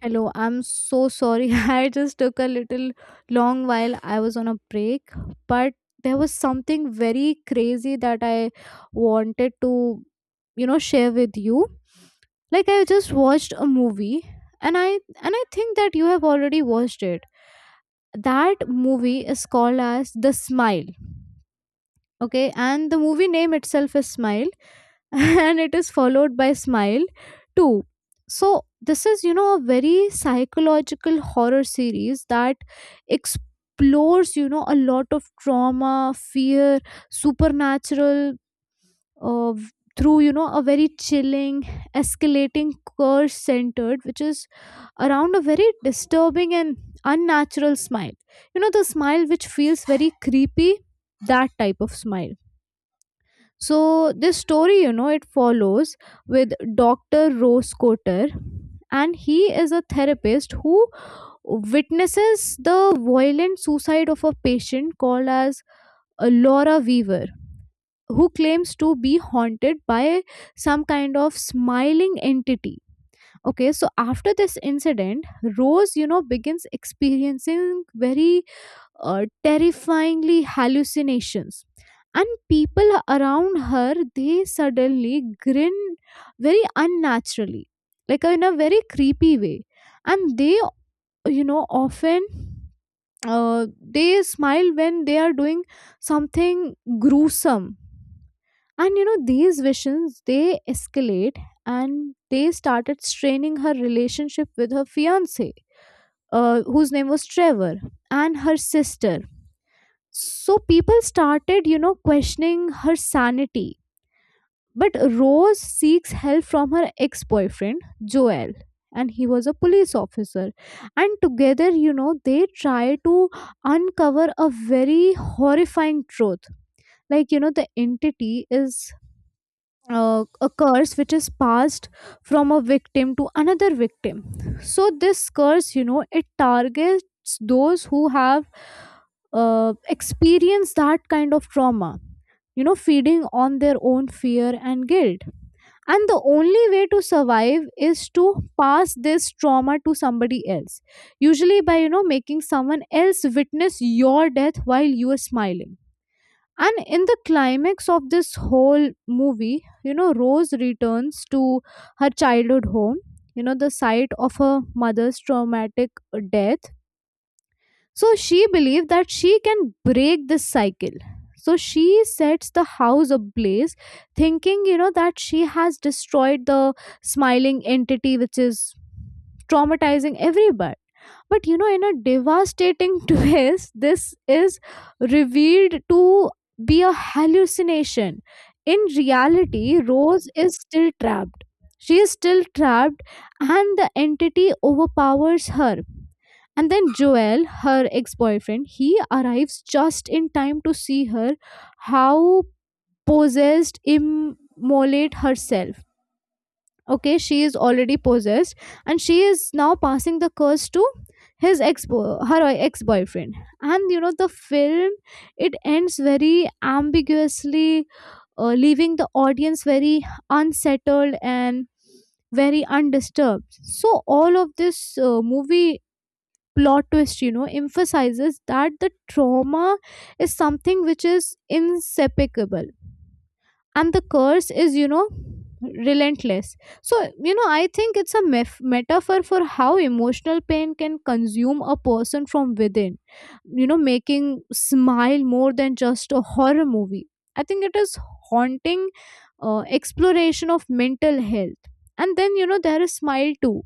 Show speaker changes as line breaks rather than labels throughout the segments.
Hello, I'm so sorry. I just took a little long while I was on a break, but there was something very crazy that I wanted to share with you. Like I just watched a movie and I think that you have already watched it. That movie is called as The Smile. Okay, and the movie name itself is Smile, and it is followed by Smile 2. So, this is a very psychological horror series that explores a lot of trauma, fear, supernatural, uh, v- through a very chilling, escalating curse centered, which is around a very disturbing and unnatural smile. The smile which feels very creepy, that type of smile. So this story it follows with Dr. Rose Cotter, and he is a therapist who witnesses the violent suicide of a patient called as Laura Weaver, who claims to be haunted by some kind of smiling entity. Okay, so after this incident, Rose begins experiencing very terrifyingly hallucinations, and people around her, they suddenly grin very unnaturally, like in a very creepy way. And they often they smile when they are doing something gruesome. And these visions, they escalate and they started straining her relationship with her fiance, whose name was Trevor, and her sister. So people started questioning her sanity. But Rose seeks help from her ex boyfriend, Joel, and he was a police officer. And together they try to uncover a very horrifying truth. Like the entity is a curse which is passed from a victim to another victim. So this curse, it targets those who have experienced that kind of trauma, feeding on their own fear and guilt. And the only way to survive is to pass this trauma to somebody else, usually by making someone else witness your death while you are smiling. And in the climax of this whole movie Rose returns to her childhood home, the site of her mother's traumatic death. So she believes that she can break this cycle. So she sets the house ablaze, thinking that she has destroyed the smiling entity which is traumatizing everybody. But in a devastating twist, this is revealed to be a hallucination. In reality, Rose is still trapped. She is still trapped. And the entity overpowers her. And then Joel, her ex boyfriend, he arrives just in time to see her how possessed immolate herself. Okay, she is already possessed, and she is now passing the curse to his ex her ex boyfriend. And the film, it ends very ambiguously, leaving the audience very unsettled and very undisturbed. So all of this movie plot twist emphasizes that the trauma is something which is inseparable, and the curse is relentless. So I think it's a metaphor for how emotional pain can consume a person from within, making Smile more than just a horror movie. I think it is haunting exploration of mental health. And then there is Smile Too.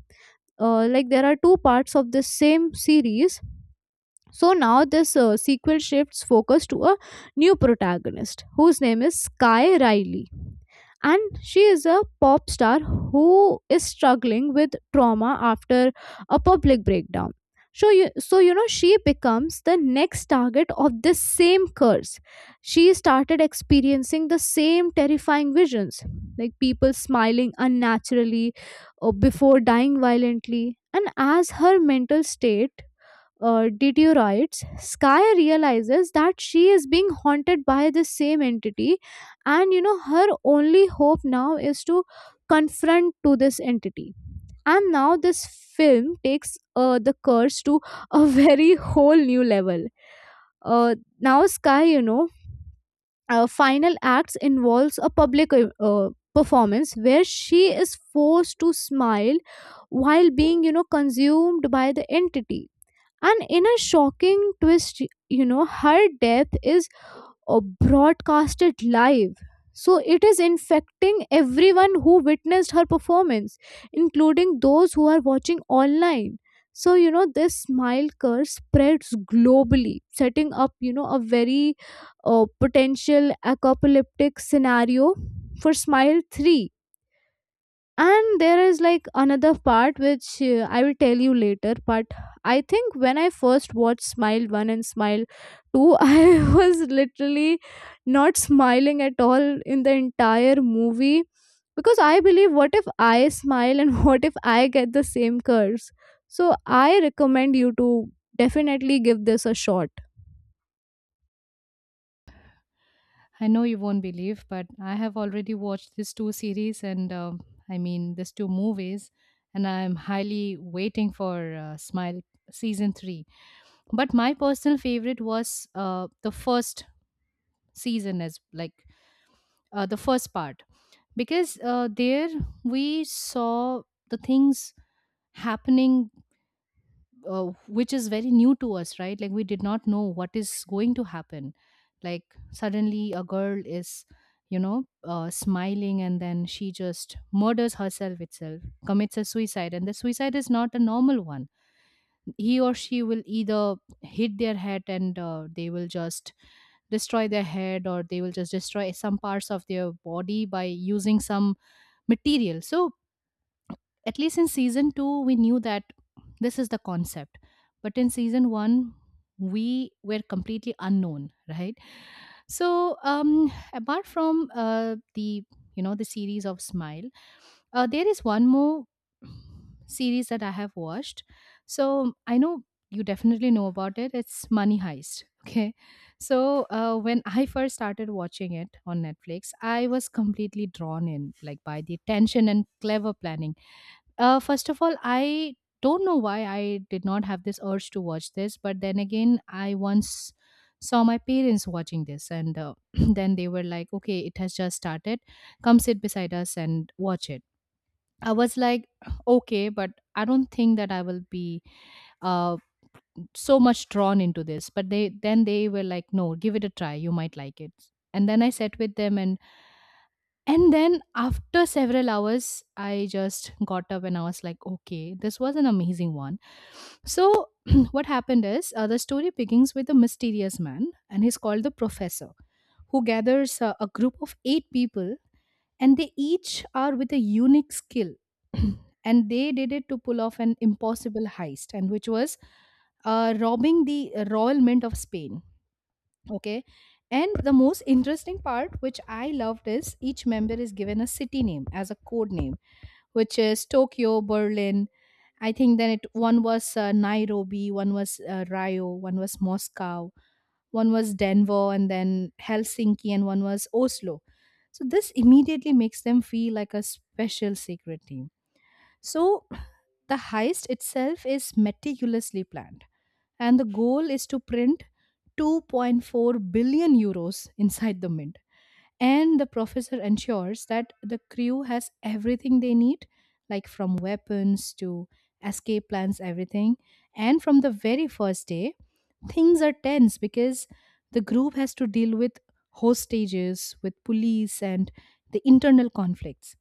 Like there are two parts of the same series. So now this sequel shifts focus to a new protagonist whose name is Sky Riley. And she is a pop star who is struggling with trauma after a public breakdown. So she becomes the next target of this same curse. She started experiencing the same terrifying visions, like people smiling unnaturally or before dying violently. And as her mental state deteriorates, Sky realizes that she is being haunted by the same entity, and her only hope now is to confront to this entity. And now this film takes the curse to a very whole new level. Now Sky final acts involves a public performance where she is forced to smile while being consumed by the entity. And in a shocking twist her death is uh, broadcasted live. So it is infecting everyone who witnessed her performance, including those who are watching online. So this smile curse spreads globally, setting up a very potential apocalyptic scenario for Smile 3. And there is like another part which I will tell you later. But I think when I first watched Smile 1 and Smile 2, I was literally not smiling at all in the entire movie, because I believe, what if I smile, and what if I get the same curse? So I recommend you to definitely give this a shot.
I know you won't believe, but I have already watched these two series and these two movies, and I'm highly waiting for Smile season three. But my personal favorite was the first season, as like the first part, because there we saw the things happening which is very new to us, right? Like, we did not know what is going to happen. Like, suddenly a girl is smiling and then she just murders herself itself, commits a suicide, and the suicide is not a normal one. He or she will either hit their head and they will just destroy their head, or they will just destroy some parts of their body by using some material. So at least in season 2 we knew that this is the concept, but in season 1 we were completely unknown, right? So apart from the the series of Smile, there is one more series that I have watched. So I know you definitely know about it. It's Money Heist. Okay, so when I first started watching it on Netflix, I was completely drawn in, like by the tension and clever planning. First of all, I don't know why I did not have this urge to watch this, but then again, I once saw my parents watching this, and then they were like, okay, it has just started. Come sit beside us and watch it. I was like, okay, but I don't think that I will be uh, so much drawn into this. But they then they were like, no, give it a try. You might like it. And then I sat with them, and then after several hours, I just got up and I was like, okay, this was an amazing one. So, what happened is the story begins with a mysterious man, and he's called the professor, who gathers a group of eight people, and they each are with a unique skill. And they did it to pull off an impossible heist, and which was robbing the royal mint of Spain. Okay. And the most interesting part, which I loved, is each member is given a city name as a code name, which is Tokyo, Berlin. I think then it one was Nairobi, one was Rio, one was Moscow, one was Denver, and then Helsinki, and one was Oslo. So this immediately makes them feel like a special secret team. So the heist itself is meticulously planned, and the goal is to print 2.4 billion euros inside the mint. And the professor ensures that the crew has everything they need, like from weapons to escape plans, everything. And from the very first day, things are tense because the group has to deal with hostages, with police, and the internal conflicts.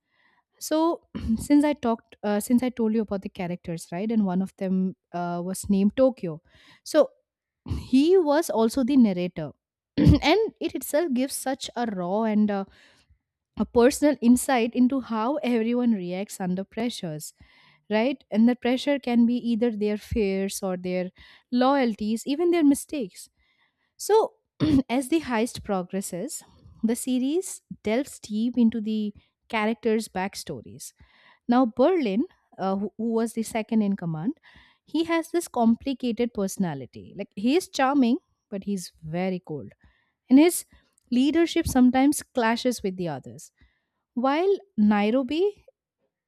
So, since I told you about the characters, right, and one of them was named Tokyo. So, he was also the narrator. And it itself gives such a raw and a personal insight into how everyone reacts under pressures, right? And the pressure can be either their fears or their loyalties, even their mistakes. So, as the heist progresses, the series delves deep into the characters' backstories. Now, Berlin, who was the second in command, he has this complicated personality. Like, he is charming, but he's very cold. And his leadership sometimes clashes with the others. While Nairobi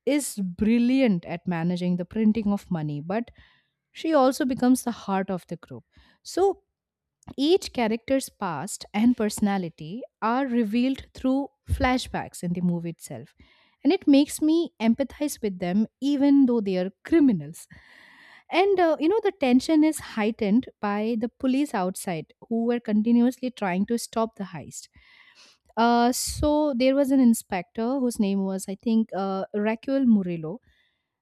is brilliant at managing the printing of money, but she also becomes the heart of the group. So, each character's past and personality are revealed through flashbacks in the movie itself, and it makes me empathize with them even though they are criminals. And you know, the tension is heightened by the police outside who were continuously trying to stop the heist. So there was an inspector whose name was, I think, Raquel Murillo,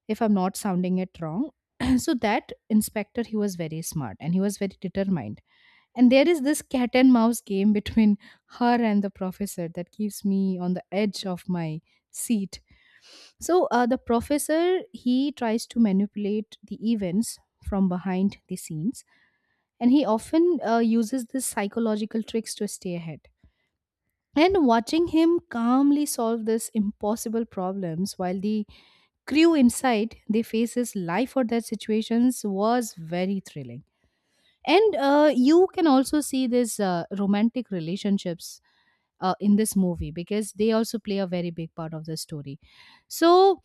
if I'm not sounding it wrong. So that inspector, he was very smart and he was very determined, and there is this cat and mouse game between her and the professor that keeps me on the edge of my seat. So the professor, he tries to manipulate the events from behind the scenes, and he often uses these psychological tricks to stay ahead. And watching him calmly solve these impossible problems while the crew inside they faces life or death situations was very thrilling. And you can also see this romantic relationships in this movie because they also play a very big part of the story. So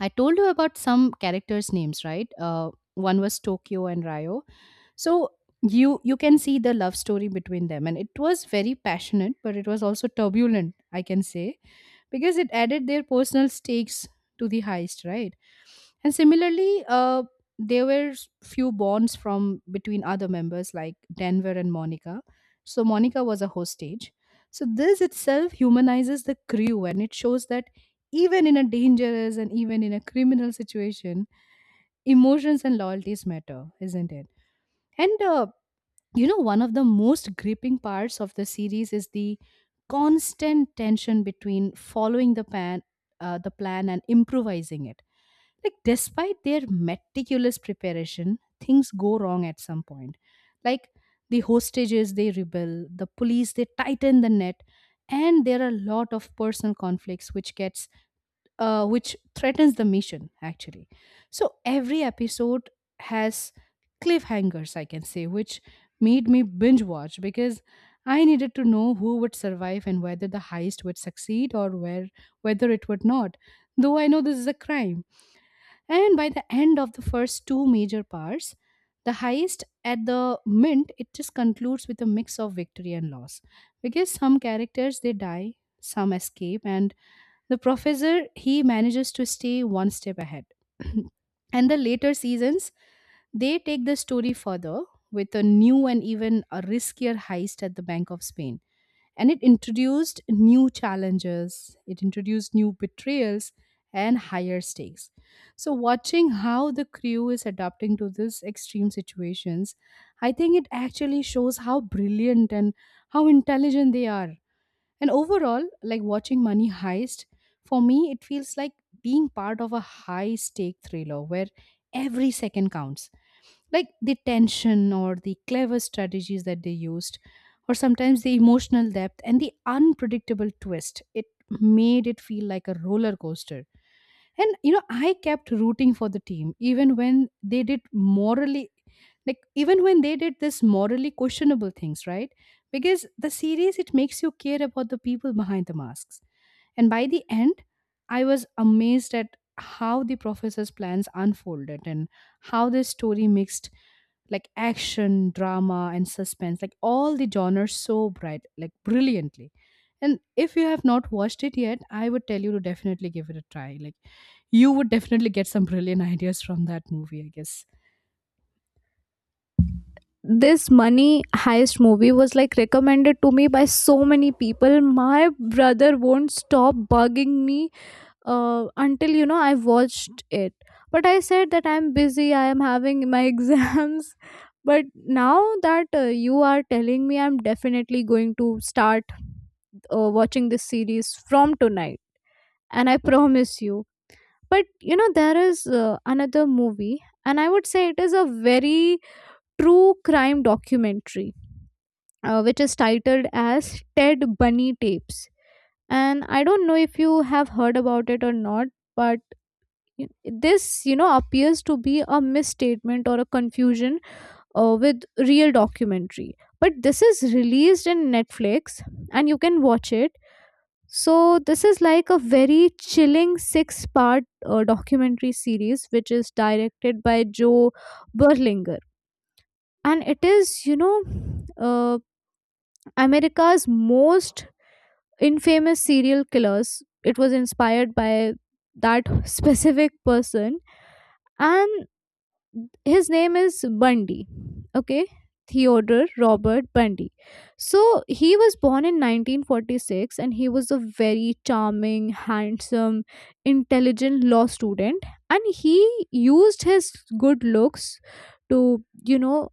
I told you about some characters' names, right? One was Tokyo and Ryo. So you can see the love story between them, and it was very passionate, but it was also turbulent, I can say, because it added their personal stakes to the heist, right? And similarly, there were few bonds from between other members like Denver and Monica. So Monica was a hostage. So this itself humanizes the crew, and it shows that even in a dangerous and even in a criminal situation, emotions and loyalties matter, isn't it? And you know, one of the most gripping parts of the series is the constant tension between following the plan, and improvising it. Like, despite their meticulous preparation, things go wrong at some point. Like, the hostages, they rebel; the police, they tighten the net; and there are a lot of personal conflicts which gets which threatens the mission actually. So every episode has cliffhangers, I can say, which made me binge watch because I needed to know who would survive and whether the heist would succeed or where whether it would not, though I know this is a crime. And by the end of the first two major parts, the heist at the mint, it just concludes with a mix of victory and loss, because some characters, they die, some escape, and the professor, he manages to stay one step ahead. And the later seasons, they take the story further with a new and even a riskier heist at the bank of Spain, and it introduced new challenges, it introduced new betrayals and higher stakes. So, watching how the crew is adapting to these extreme situations, I think it actually shows how brilliant and how intelligent they are. And overall, like watching Money Heist, for me, it feels like being part of a high stake thriller where every second counts, like the tension or the clever strategies that they used, or sometimes the emotional depth and the unpredictable twist. It made it feel like a roller coaster. And you know, I kept rooting for the team even when they did morally like even when they did this morally questionable things, right? Because the series, it makes you care about the people behind the masks. And by the end, I was amazed at how the professor's plans unfolded and how this story mixed like action, drama, and suspense, like all the genres so bright, like brilliantly. And if you have not watched it yet, I would tell you to definitely give it a try. Like, you would definitely get some brilliant ideas from that movie, I guess.
This money heist movie was like recommended to me by so many people. My brother won't stop bugging me until I watched it. But I said that I'm busy, I am having my exams. But now that you are telling me, I'm definitely going to start watching this series from tonight, and I promise you. But there is another movie, and I would say it is a very true crime documentary, which is titled as Ted Bunny Tapes, and I don't know if you have heard about it or not. But This appears to be a misstatement or a confusion with real documentary. But this is released in Netflix, and you can watch it. So, this is like a very chilling six part documentary series which is directed by Joe Berlinger. And it is, you know, uh, America's most infamous serial killers. It was inspired by that specific person. And his name is Bundy. Okay, Theodore Robert Bundy. So he was born in 1946, and he was a very charming, handsome, intelligent law student. And he used his good looks to, you know,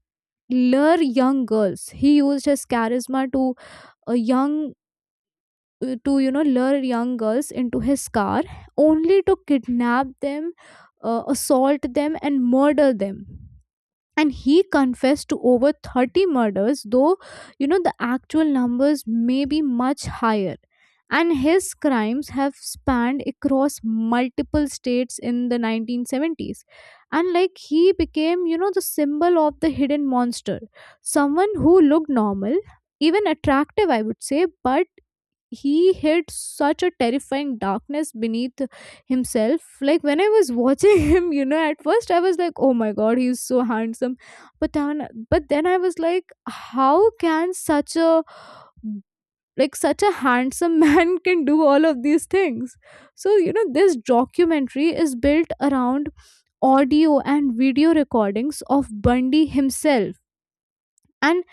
lure young girls. He used his charisma to a young to lure young girls into his car, only to kidnap them, assault them, and murder them. And he confessed to over 30 murders, though the actual numbers may be much higher. And his crimes have spanned across multiple states in the 1970s. And like he became the symbol of the hidden monster, someone who looked normal, even attractive, I would say, but he hid such a terrifying darkness beneath himself. Like when I was watching him at first I was like, oh my god, he's so handsome. But then, I was like, how can such a handsome man can do all of these things? So this documentary is built around audio and video recordings of Bundy himself, and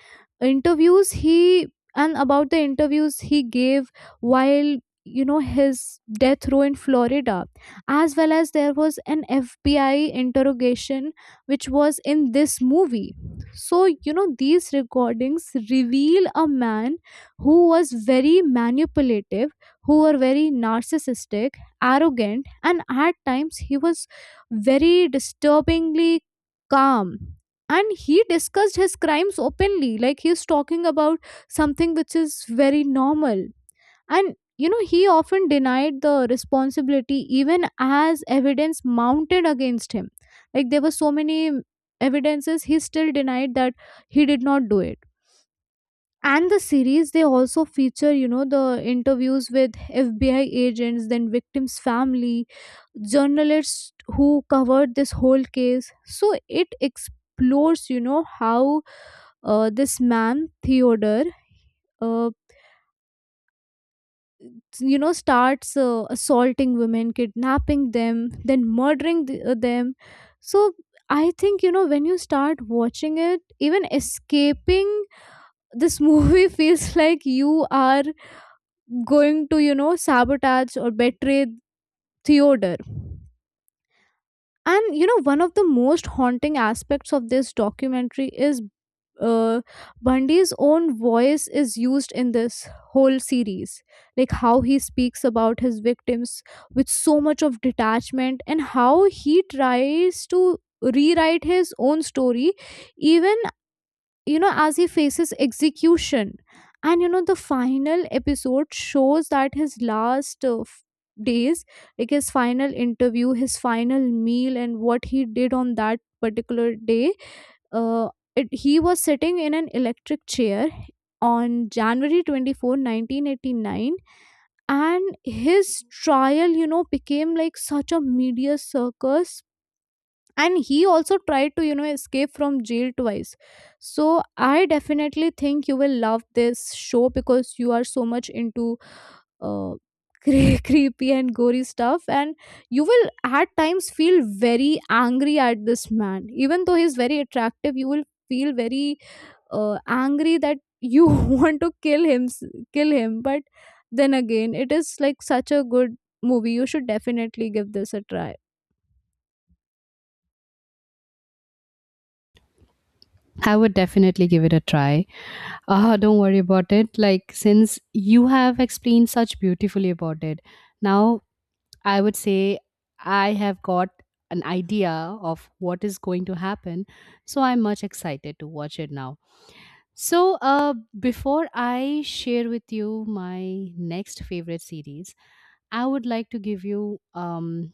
interviews he and about the interviews he gave while his death row in Florida, as well as there was an FBI interrogation which was in this movie. So these recordings reveal a man who was very manipulative, who were very narcissistic, arrogant, and at times he was very disturbingly calm. And he discussed his crimes openly, like he's talking about something which is very normal. And he often denied the responsibility even as evidence mounted against him. Like there were so many evidences, he still denied that he did not do it. And the series, they also feature the interviews with FBI agents, then victims family, journalists who covered this whole case. So it explores how this man Theodore, uh, starts assaulting women, kidnapping them, then murdering them. So I think when you start watching it, even escaping this movie feels like you are going to sabotage or betray Theodore. And one of the most haunting aspects of this documentary is uh, Bundy's own voice is used in this whole series. Like how he speaks about his victims with so much of detachment, and how he tries to rewrite his own story, even as he faces execution. And the final episode shows that his last days, like his final interview, his final meal, and what he did on that particular day. Uh, it, he was sitting in an electric chair on January 24, 1989, and his trial became like such a media circus. And he also tried to escape from jail twice. So I definitely think you will love this show because you are so much into uh, creepy and gory stuff. And you will at times feel very angry at this man, even though he's very attractive. You will feel very angry that you want to kill him, but then again, it is like such a good movie. You should definitely give this a try.
I would definitely give it a try. Ah, don't worry about it. Like, since you have explained such beautifully about it, now I would say I have got an idea of what is going to happen. So I'm much excited to watch it now. So, before I share with you my next favorite series, I would like to give you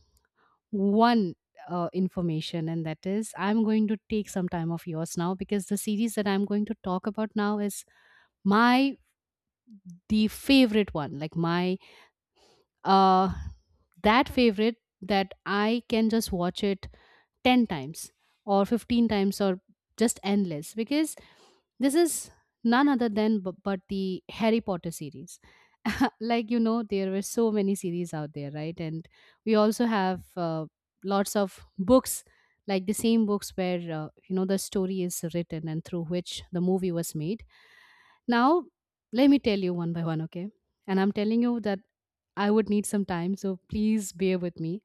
one information, and that is I'm going to take some time of yours now, because the series that I'm going to talk about now is my the favorite one, like my uh that favorite that I can just watch it 10 times or 15 times or just endless, because this is none other than but the Harry Potter series. Like, you know, there were so many series out there, right? And we also have lots of books, like the same books where the story is written and through which the movie was made. Now, let me tell you one by one, okay? And I'm telling you that I would need some time, so please bear with me.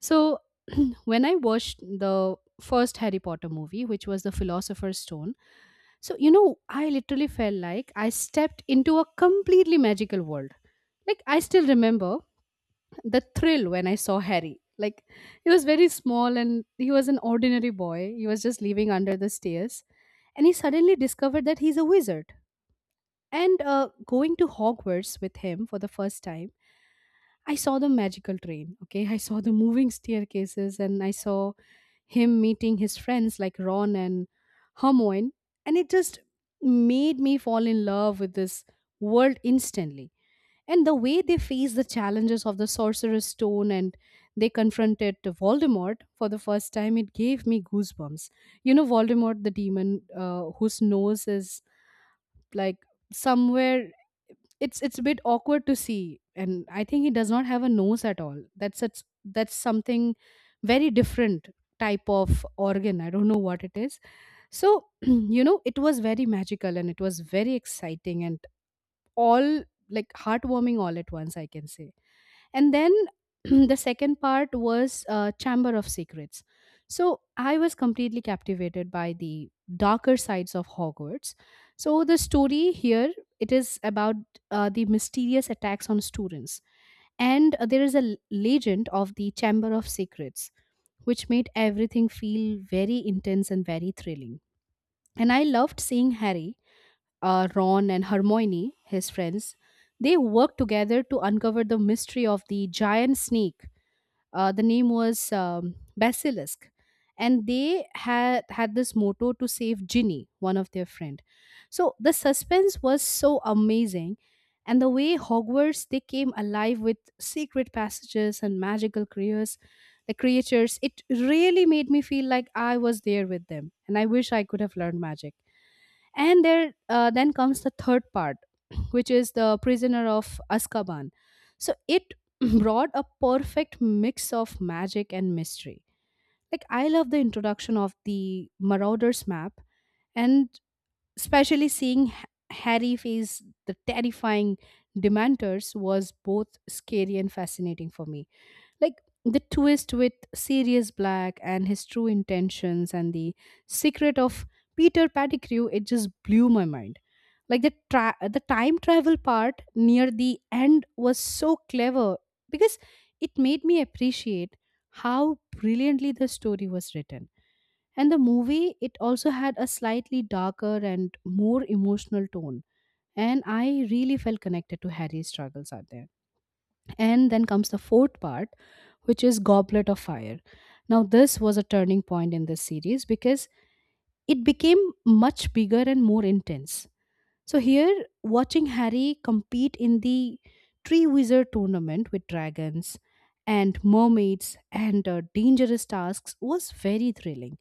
So when I watched the first Harry Potter movie, which was The Philosopher's Stone, so, you know, I literally felt like I stepped into a completely magical world. Like, I still remember the thrill when I saw Harry. Like, he was very small and he was an ordinary boy. He was just living under the stairs. And he suddenly discovered that he's a wizard. And Going to Hogwarts with him for the first time, I saw the magical train, okay? I saw the moving staircases and I saw him meeting his friends like Ron and Hermione, and it just made me fall in love with this world instantly. And the way they face the challenges of the Sorcerer's Stone and they confronted Voldemort for the first time, it gave me goosebumps. You know, Voldemort, the demon whose nose is like somewhere, it's a bit awkward to see, and I think he does not have a nose at all. That's that's something very different type of organ, I don't know what it is. So it was very magical and it was very exciting and all, like heartwarming all at once, I can say. And then the second part was Chamber of Secrets. So I was completely captivated by the darker sides of Hogwarts. So the story here, it is about the mysterious attacks on students, and there is a legend of the Chamber of Secrets, which made everything feel very intense and very thrilling. And I loved seeing Harry, Ron and Hermione, his friends, they work together to uncover the mystery of the giant snake. The name was Basilisk. And they had had this motto to save Ginny, one of their friend. So the suspense was so amazing, and the way Hogwarts, they came alive with secret passages and magical creatures, the creatures, it really made me feel like I was there with them, and I wish I could have learned magic. And there then comes the third part, which is the Prisoner of Azkaban. So it brought a perfect mix of magic and mystery. Like, I love the introduction of the Marauders map, and especially seeing Harry face the terrifying Dementors was both scary and fascinating for me. Like, the twist with Sirius Black and his true intentions and the secret of Peter Pettigrew, it just blew my mind. Like, the the time travel part near the end was so clever, because it made me appreciate how brilliantly the story was written. And the movie, it also had a slightly darker and more emotional tone. And I really felt connected to Harry's struggles out there. And then comes the fourth part, which is Goblet of Fire. Now, this was a turning point in this series because it became much bigger and more intense. So here, watching Harry compete in the Tree Wizard tournament with dragons and mermaids and dangerous tasks was very thrilling.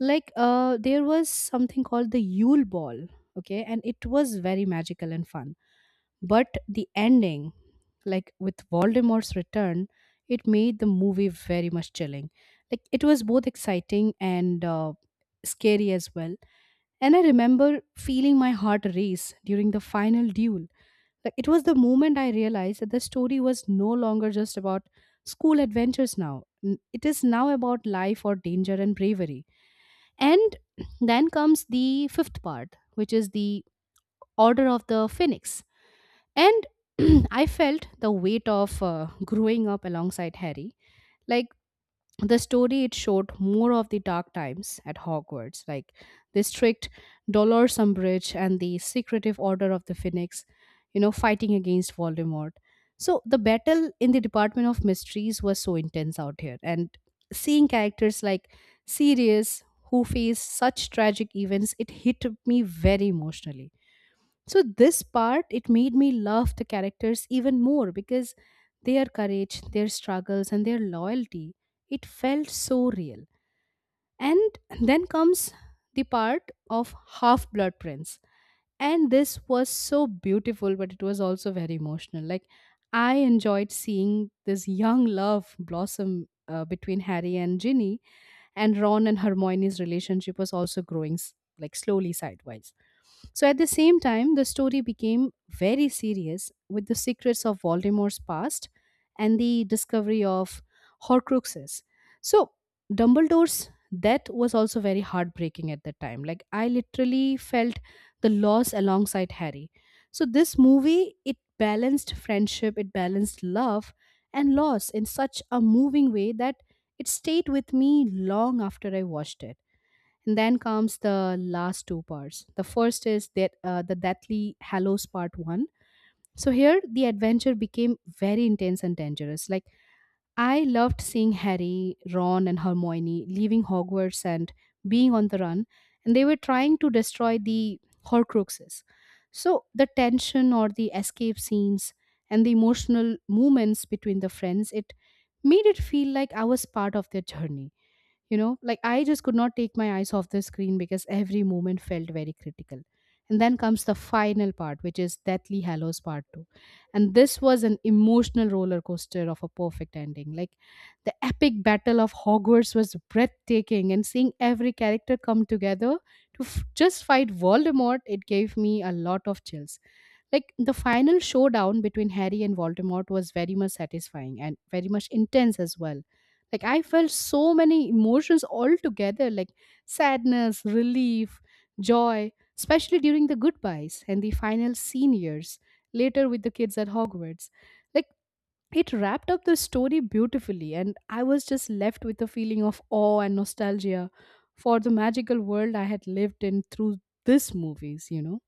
Like, there was something called the Yule Ball, okay, and it was very magical and fun, but the ending, like with Voldemort's return, it made the movie very much chilling. Like, it was both exciting and scary as well. And I remember feeling my heart race during the final duel. Like, it was the moment I realized that the story was no longer just about school adventures now. It is now about life or danger and bravery. And then comes the fifth part, which is the Order of the Phoenix, and I felt the weight of growing up alongside Harry. Like, the story, it showed more of the dark times at Hogwarts, like the strict Dolores Umbridge and the secretive Order of the Phoenix, you know, fighting against Voldemort. So the battle in the Department of Mysteries was so intense out here, and seeing characters like Sirius, who face such tragic events, it hit me very emotionally. So this part, it made me love the characters even more, because their courage, their struggles and their loyalty, it felt so real. And then comes the part of Half Blood Prince, and this was so beautiful, but it was also very emotional. Like, I enjoyed seeing this young love blossom between Harry and Ginny, and Ron and Hermione's relationship was also growing like slowly sidewise. So at the same time, the story became very serious with the secrets of Voldemort's past and the discovery of Horcruxes. So Dumbledore's death was also very heartbreaking at that time. Like, I literally felt the loss alongside Harry. So this movie, it balanced friendship, it balanced love and loss in such a moving way, that it stayed with me long after I watched it. And then comes the last two parts. The first is that the Deathly Hallows Part 1. So here the adventure became very intense and dangerous. Like, I loved seeing Harry, Ron and Hermione leaving Hogwarts and being on the run, and they were trying to destroy the Horcruxes. So the tension or the escape scenes and the emotional moments between the friends, it made it feel like I was part of their journey. You know, like, I just could not take my eyes off the screen because every moment felt very critical. And then comes the final part, which is Deathly Hallows Part 2. And this was an emotional roller coaster of a perfect ending. Like, the epic battle of Hogwarts was breathtaking, and seeing every character come together to just fight Voldemort, it gave me a lot of chills. Like, the final showdown between Harry and Voldemort was very much satisfying and very much intense as well. Like, I felt so many emotions all together, like sadness, relief, joy, especially during the goodbyes and the final scene years later with the kids at Hogwarts. Like, it wrapped up the story beautifully, and I was just left with a feeling of awe and nostalgia for the magical world I had lived in through these movies, you know.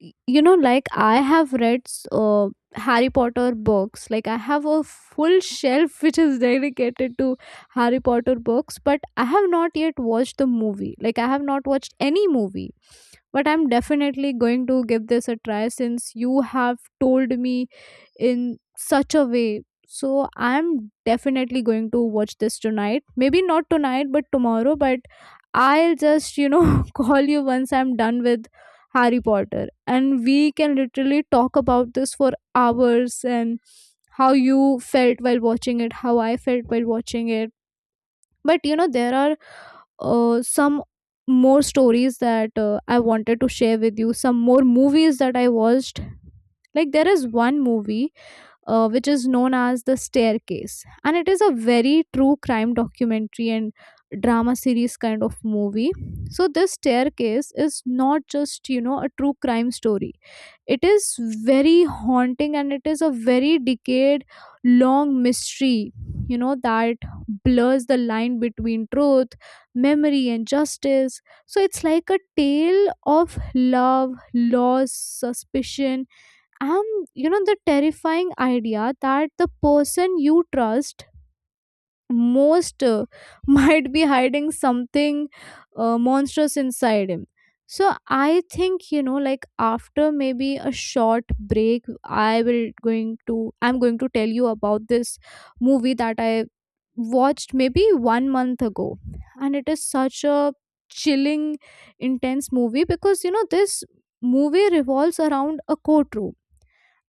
You know, like I have read uh, Harry Potter books. Like I have a full shelf which is dedicated to Harry Potter books, but I have not yet watched the movie. Like I have not watched any movie. But I'm definitely going to give this a try since you have told me in such a way. So I'm definitely going to watch this tonight, maybe not tonight, but tomorrow. But I'll just call you once I'm done with Harry Potter. And we can literally talk about this for hours, and how you felt while watching it, how I felt while watching it. But there are some more stories that I wanted to share with you, some more movies that I watched. Like, there is one movie which is known as The Staircase, and it is a very true crime documentary and drama series kind of movie. So, this staircase is not just a true crime story. It is very haunting, and it is a very decade long mystery, that blurs the line between truth, memory, and justice. So it's like a tale of love, loss, suspicion, and the terrifying idea that the person you trust most might be hiding something monstrous inside him. So I think like after maybe a short break, I'm going to tell you about this movie that I watched maybe 1 month ago. And it is such a chilling, intense movie because this movie revolves around a courtroom.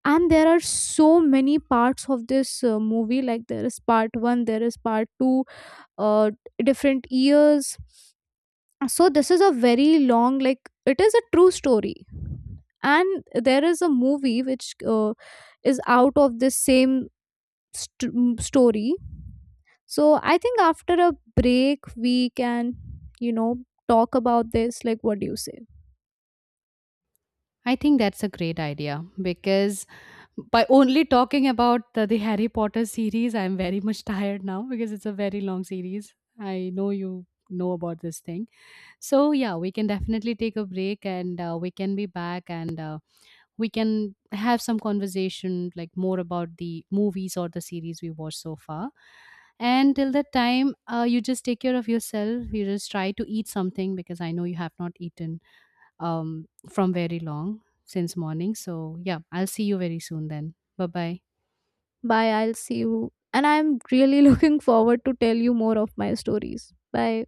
And there are so many parts of this movie, like there is part 1, there is part 2, uh, different years. So this is a very long, like it is a true story. And there is a movie which is out of this same story. So I think after a break we can, you know, talk about this. Like, what do you say?
I think that's a great idea, because by only talking about the Harry Potter series, I'm very much tired now, because it's a very long series. I know you know about this thing. So yeah, we can definitely take a break, and we can be back, and we can have some conversation, like more about the movies or the series we watched so far. And till that time, you just take care of yourself, you just try to eat something, because I know you have not eaten from very long since morning. So yeah, I'll see you very soon then. Bye bye.
Bye, I'll see you, and I'm really looking forward to tell you more of my stories. Bye.